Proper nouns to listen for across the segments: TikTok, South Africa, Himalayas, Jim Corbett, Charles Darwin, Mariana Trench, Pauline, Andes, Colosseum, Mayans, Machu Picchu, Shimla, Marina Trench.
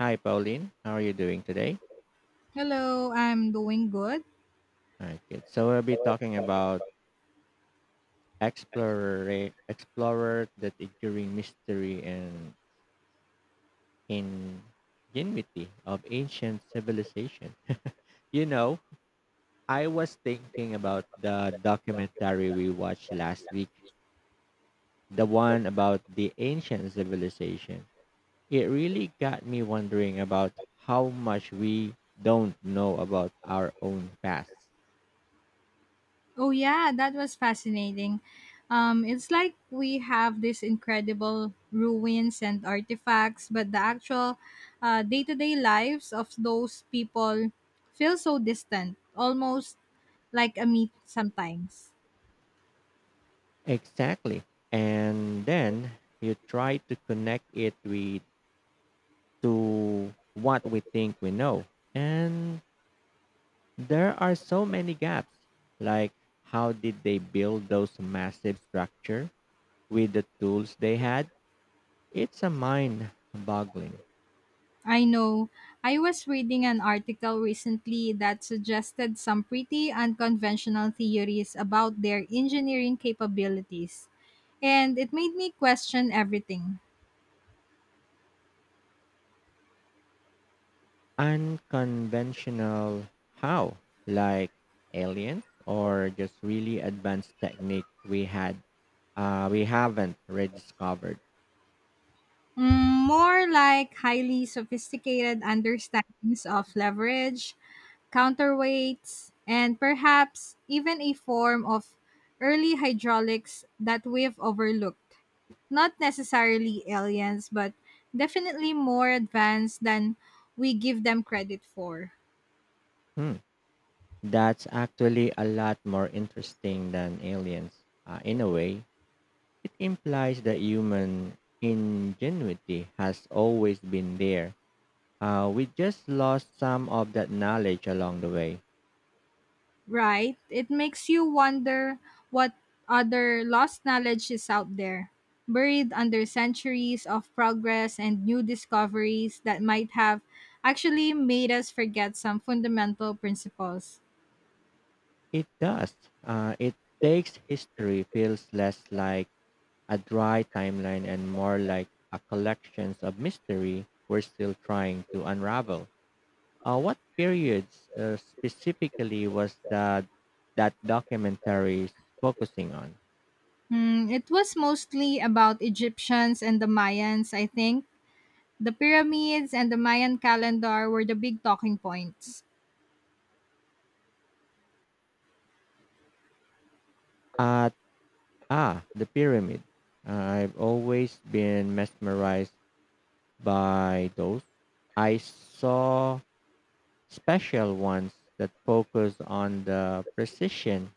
Hi, Pauline. How are you doing today? Hello, I'm doing good. All right, good. So we'll be talking about explorer that enduring mystery and ingenuity of ancient civilization. you know, I was thinking about the documentary we watched last week, the one about the ancient civilization. It really got me wondering about how much we don't know about our own past. Oh yeah, that was fascinating. It's like we have these incredible ruins and artifacts, but the actual day-to-day lives of those people feel so distant, almost like a myth sometimes. Exactly. And then you try to connect it with to what we think we know. And there are so many gaps. Like how did they build those massive structure with the tools they had? It's a mind boggling. I know. I was reading an article recently that suggested some pretty unconventional theories about their engineering capabilities, and it made me question everything. Unconventional how? Like aliens or just really advanced technique we haven't rediscovered. Mm, more like highly sophisticated understandings of leverage, counterweights, and perhaps even a form of early hydraulics that we've overlooked. Not necessarily aliens, but definitely more advanced than we give them credit for. Hmm. That's actually a lot more interesting than aliens. In a way, it implies that human ingenuity has always been there. We just lost some of that knowledge along the way. Right? It makes you wonder what other lost knowledge is out there, buried under centuries of progress and new discoveries that might have actually made us forget some fundamental principles. It does. It takes history feels less like a dry timeline and more like a collection of mystery we're still trying to unravel. What periods specifically was that documentary focusing on? Hmm, it was mostly about Egyptians and the Mayans, I think. The pyramids and the Mayan calendar were the big talking points. At the pyramid. I've always been mesmerized by those. I saw special ones that focus on the precision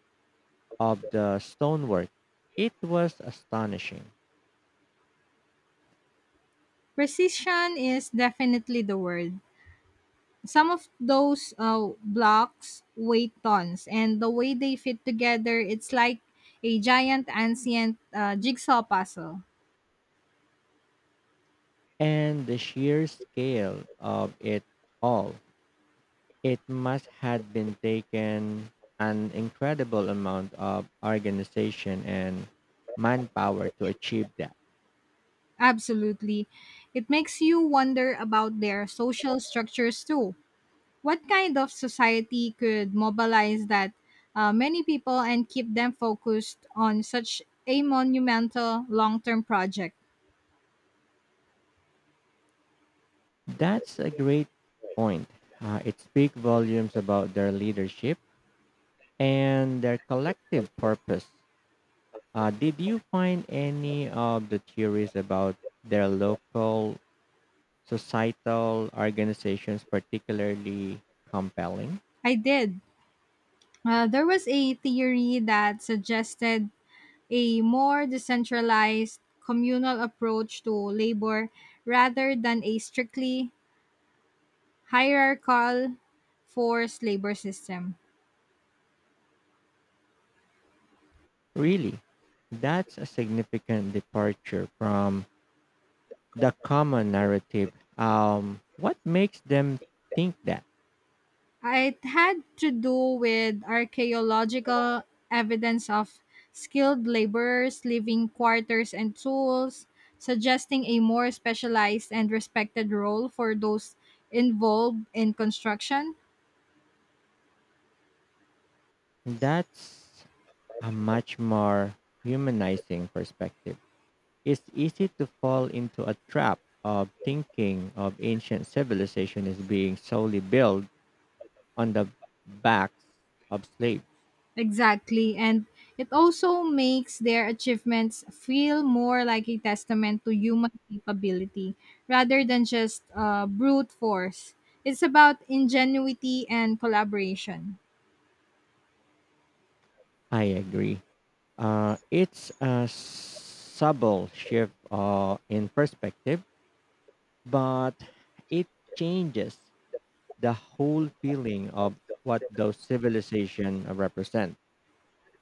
of the stonework. It was astonishing, Precision is definitely the word. Some of those blocks weigh tons, and the way they fit together, it's like a giant ancient jigsaw puzzle. and the sheer scale of it all. It must have been taken an incredible amount of organization and manpower to achieve that. Absolutely. It makes you wonder about their social structures too. What kind of society could mobilize that many people and keep them focused on such a monumental long term project? That's a great point. It speaks volumes about their leadership and their collective purpose. Did you find any of the theories about their local societal organizations particularly compelling? I did. There was a theory that suggested a more decentralized communal approach to labor rather than a strictly hierarchical forced labor system. Really, that's a significant departure from the common narrative. What makes them think that? It had to do with archaeological evidence of skilled laborers leaving quarters and tools, suggesting a more specialized and respected role for those involved in construction. That's a much more humanizing perspective. It's easy to fall into a trap of thinking of ancient civilization as being solely built on the backs of slaves. Exactly. And it also makes their achievements feel more like a testament to human capability rather than just brute force. It's about ingenuity and collaboration. I agree. It's a subtle shift in perspective, but it changes the whole feeling of what those civilizations represent.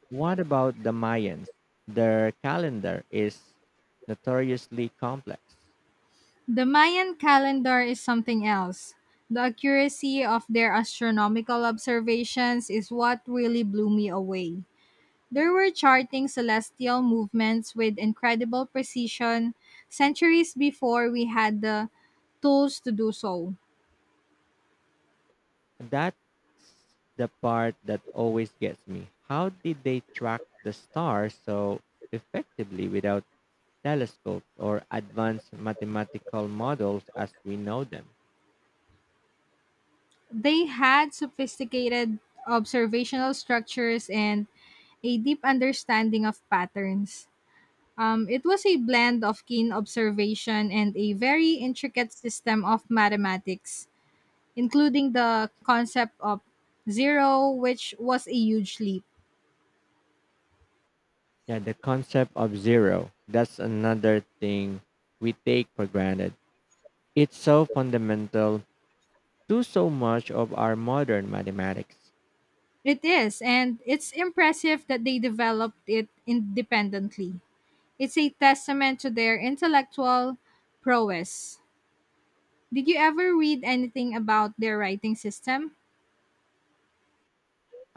What about the Mayans? Their calendar is notoriously complex. The Mayan calendar is something else. The accuracy of their astronomical observations is what really blew me away. They were charting celestial movements with incredible precision centuries before we had the tools to do so. That's the part that always gets me. How did they track the stars so effectively without telescopes or advanced mathematical models as we know them? They had sophisticated observational structures and a deep understanding of patterns. It was a blend of keen observation and a very intricate system of mathematics, including the concept of zero, which was a huge leap. Yeah, the concept of zero. That's another thing we take for granted. It's so fundamental do so much of our modern mathematics. It is, and it's impressive that they developed it independently. It's a testament to their intellectual prowess. Did you ever read anything about their writing system?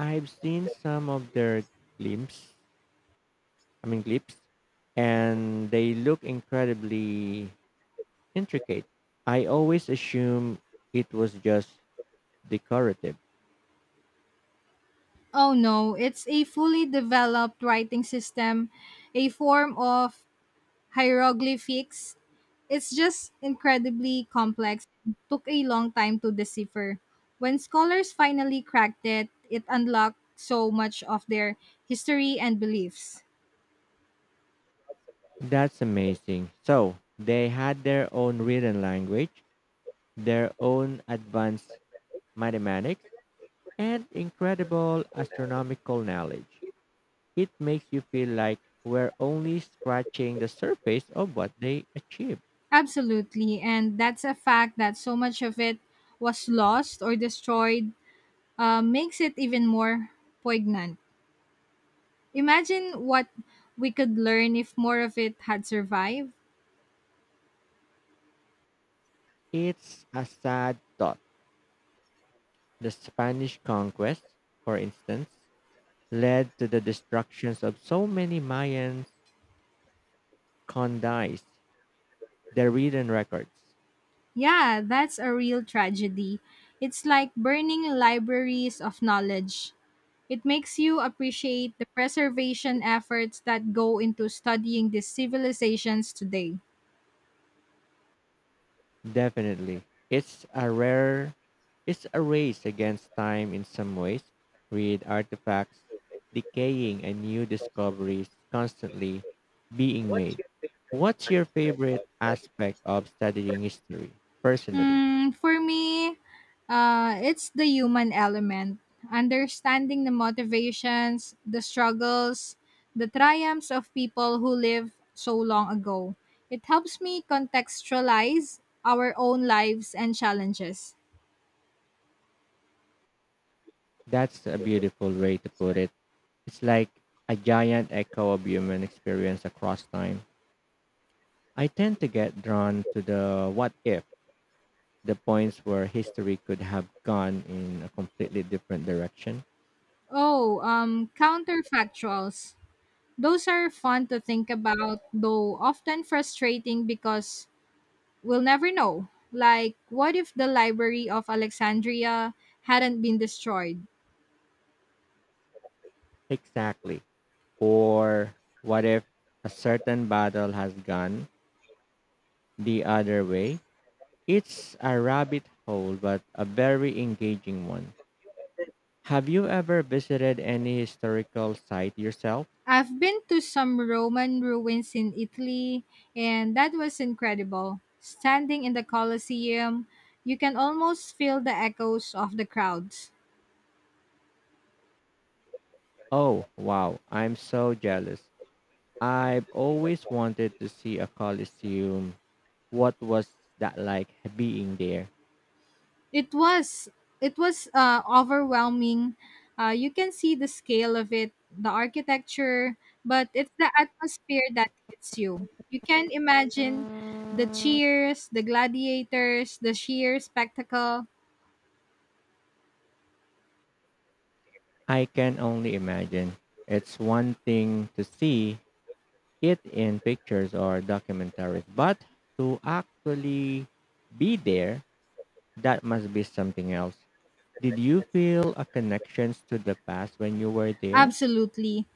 I've seen some of their glimpses, I mean clips, and they look incredibly intricate. I always assume it was just decorative. Oh no, it's a fully developed writing system, a form of hieroglyphics. It's just incredibly complex and took a long time to decipher. When scholars finally cracked it, it unlocked so much of their history and beliefs. That's amazing. So they had their own written language, their own advanced mathematics, and incredible astronomical knowledge. It makes you feel like we're only scratching the surface of what they achieved. Absolutely. And that's a fact that so much of it was lost or destroyed makes it even more poignant. Imagine what we could learn if more of it had survived. It's a sad thought. The Spanish conquest, for instance, led to the destructions of so many Mayan condais, their written records. Yeah, that's a real tragedy. It's like burning libraries of knowledge. It makes you appreciate the preservation efforts that go into studying these civilizations today. Definitely. It's a rare It's a race against time in some ways, with artifacts decaying and new discoveries constantly being made. What's your favorite aspect of studying history? Personally, Mm, for me, it's the human element. Understanding the motivations, the struggles, the triumphs of people who lived so long ago. It helps me contextualize our own lives and challenges. that's a beautiful way to put it. It's like a giant echo of human experience across time. I tend to get drawn to the what if, the points where history could have gone in a completely different direction. Oh, counterfactuals. Those are fun to think about, though often frustrating because we'll never know. Like, what if the Library of Alexandria hadn't been destroyed? Exactly. Or what if a certain battle has gone the other way? It's a rabbit hole, but a very engaging one. Have you ever visited any historical site yourself? I've been to some Roman ruins in Italy, and that was incredible. Standing in the Colosseum, you can almost feel the echoes of the crowds. Oh, wow, I'm so jealous. I've always wanted to see a Colosseum. What was that like being there? It was it was overwhelming. You can see the scale of it, the architecture, but it's the atmosphere that hits you. You can imagine the cheers, the gladiators, the sheer spectacle. I can only imagine. It's one thing to see, it in pictures or documentaries, but to actually be there, that must be something else. Did you feel a connections to the past when you were there? Absolutely.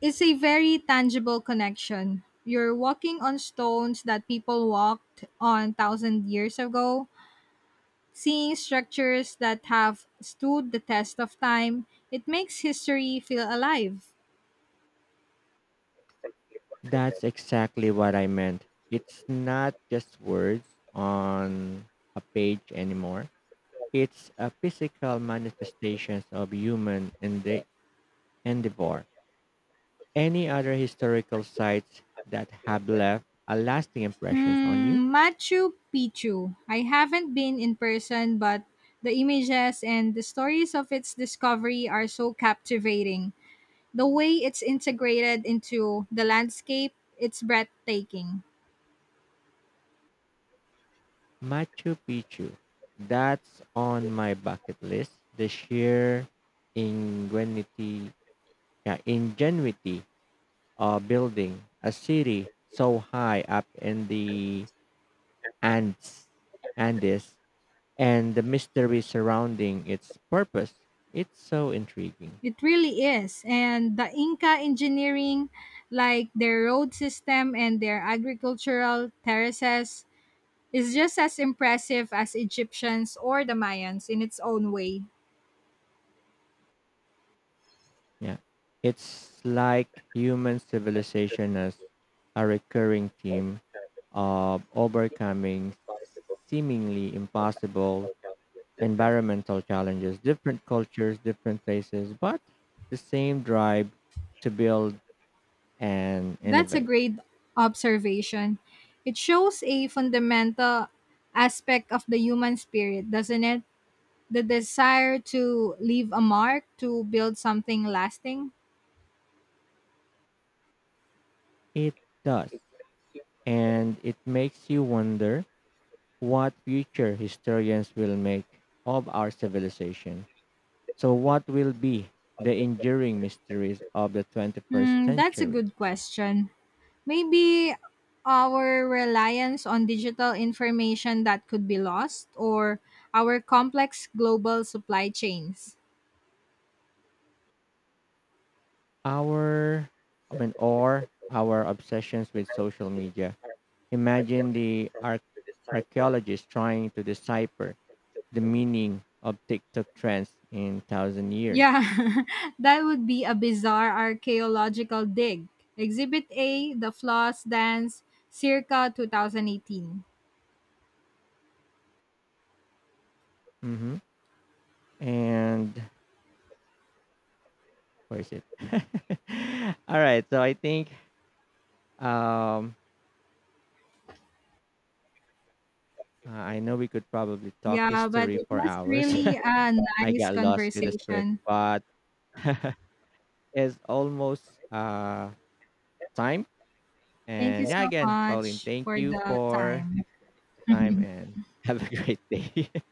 It's a very tangible connection. You're walking on stones that people walked on thousand years ago, seeing structures that have stood the test of time. It makes history feel alive. That's exactly what I meant. It's not just words on a page anymore. It's a physical manifestations of endeavor. Any other historical sites that have left a lasting impressions on you? Hmm, Machu Picchu. I haven't been in person, but the images and the stories of its discovery are so captivating. The way it's integrated into the landscape, it's breathtaking. Machu Picchu. That's on my bucket list. The sheer ingenuity, yeah, ingenuity of building a city so high up in the Andes, Andes, and the mystery surrounding its purpose. It's so intriguing. It really is. And the Inca engineering, like their road system and their agricultural terraces, is just as impressive as Egyptians or the Mayans in its own way. Yeah, it's like human civilization as a recurring theme of overcoming seemingly impossible environmental challenges, different cultures, different places, but the same drive to build and That's a innovate. great observation. It shows a fundamental aspect of the human spirit, doesn't it? The desire to leave a mark, to build something lasting. It does. And it makes you wonder what future historians will make of our civilization. So, what will be the enduring mysteries of the 21st Hmm, that's a century? good question. Maybe our reliance on digital information that could be lost or our complex global supply chains. Our, or our obsessions with social media. Imagine the archaeologists trying to decipher the meaning of TikTok trends in thousand years. Yeah, that would be a bizarre archaeological dig. Exhibit A, The Floss Dance, circa 2018. Hmm And Where is it? All right. So I think um, I know we could probably talk Yeah, but history it for was hours. really a I nice got lost with the script, conversation. but it's almost uh, time. Thank you And yeah, so again, Pauline, much thank for you the for time. time and have a great day.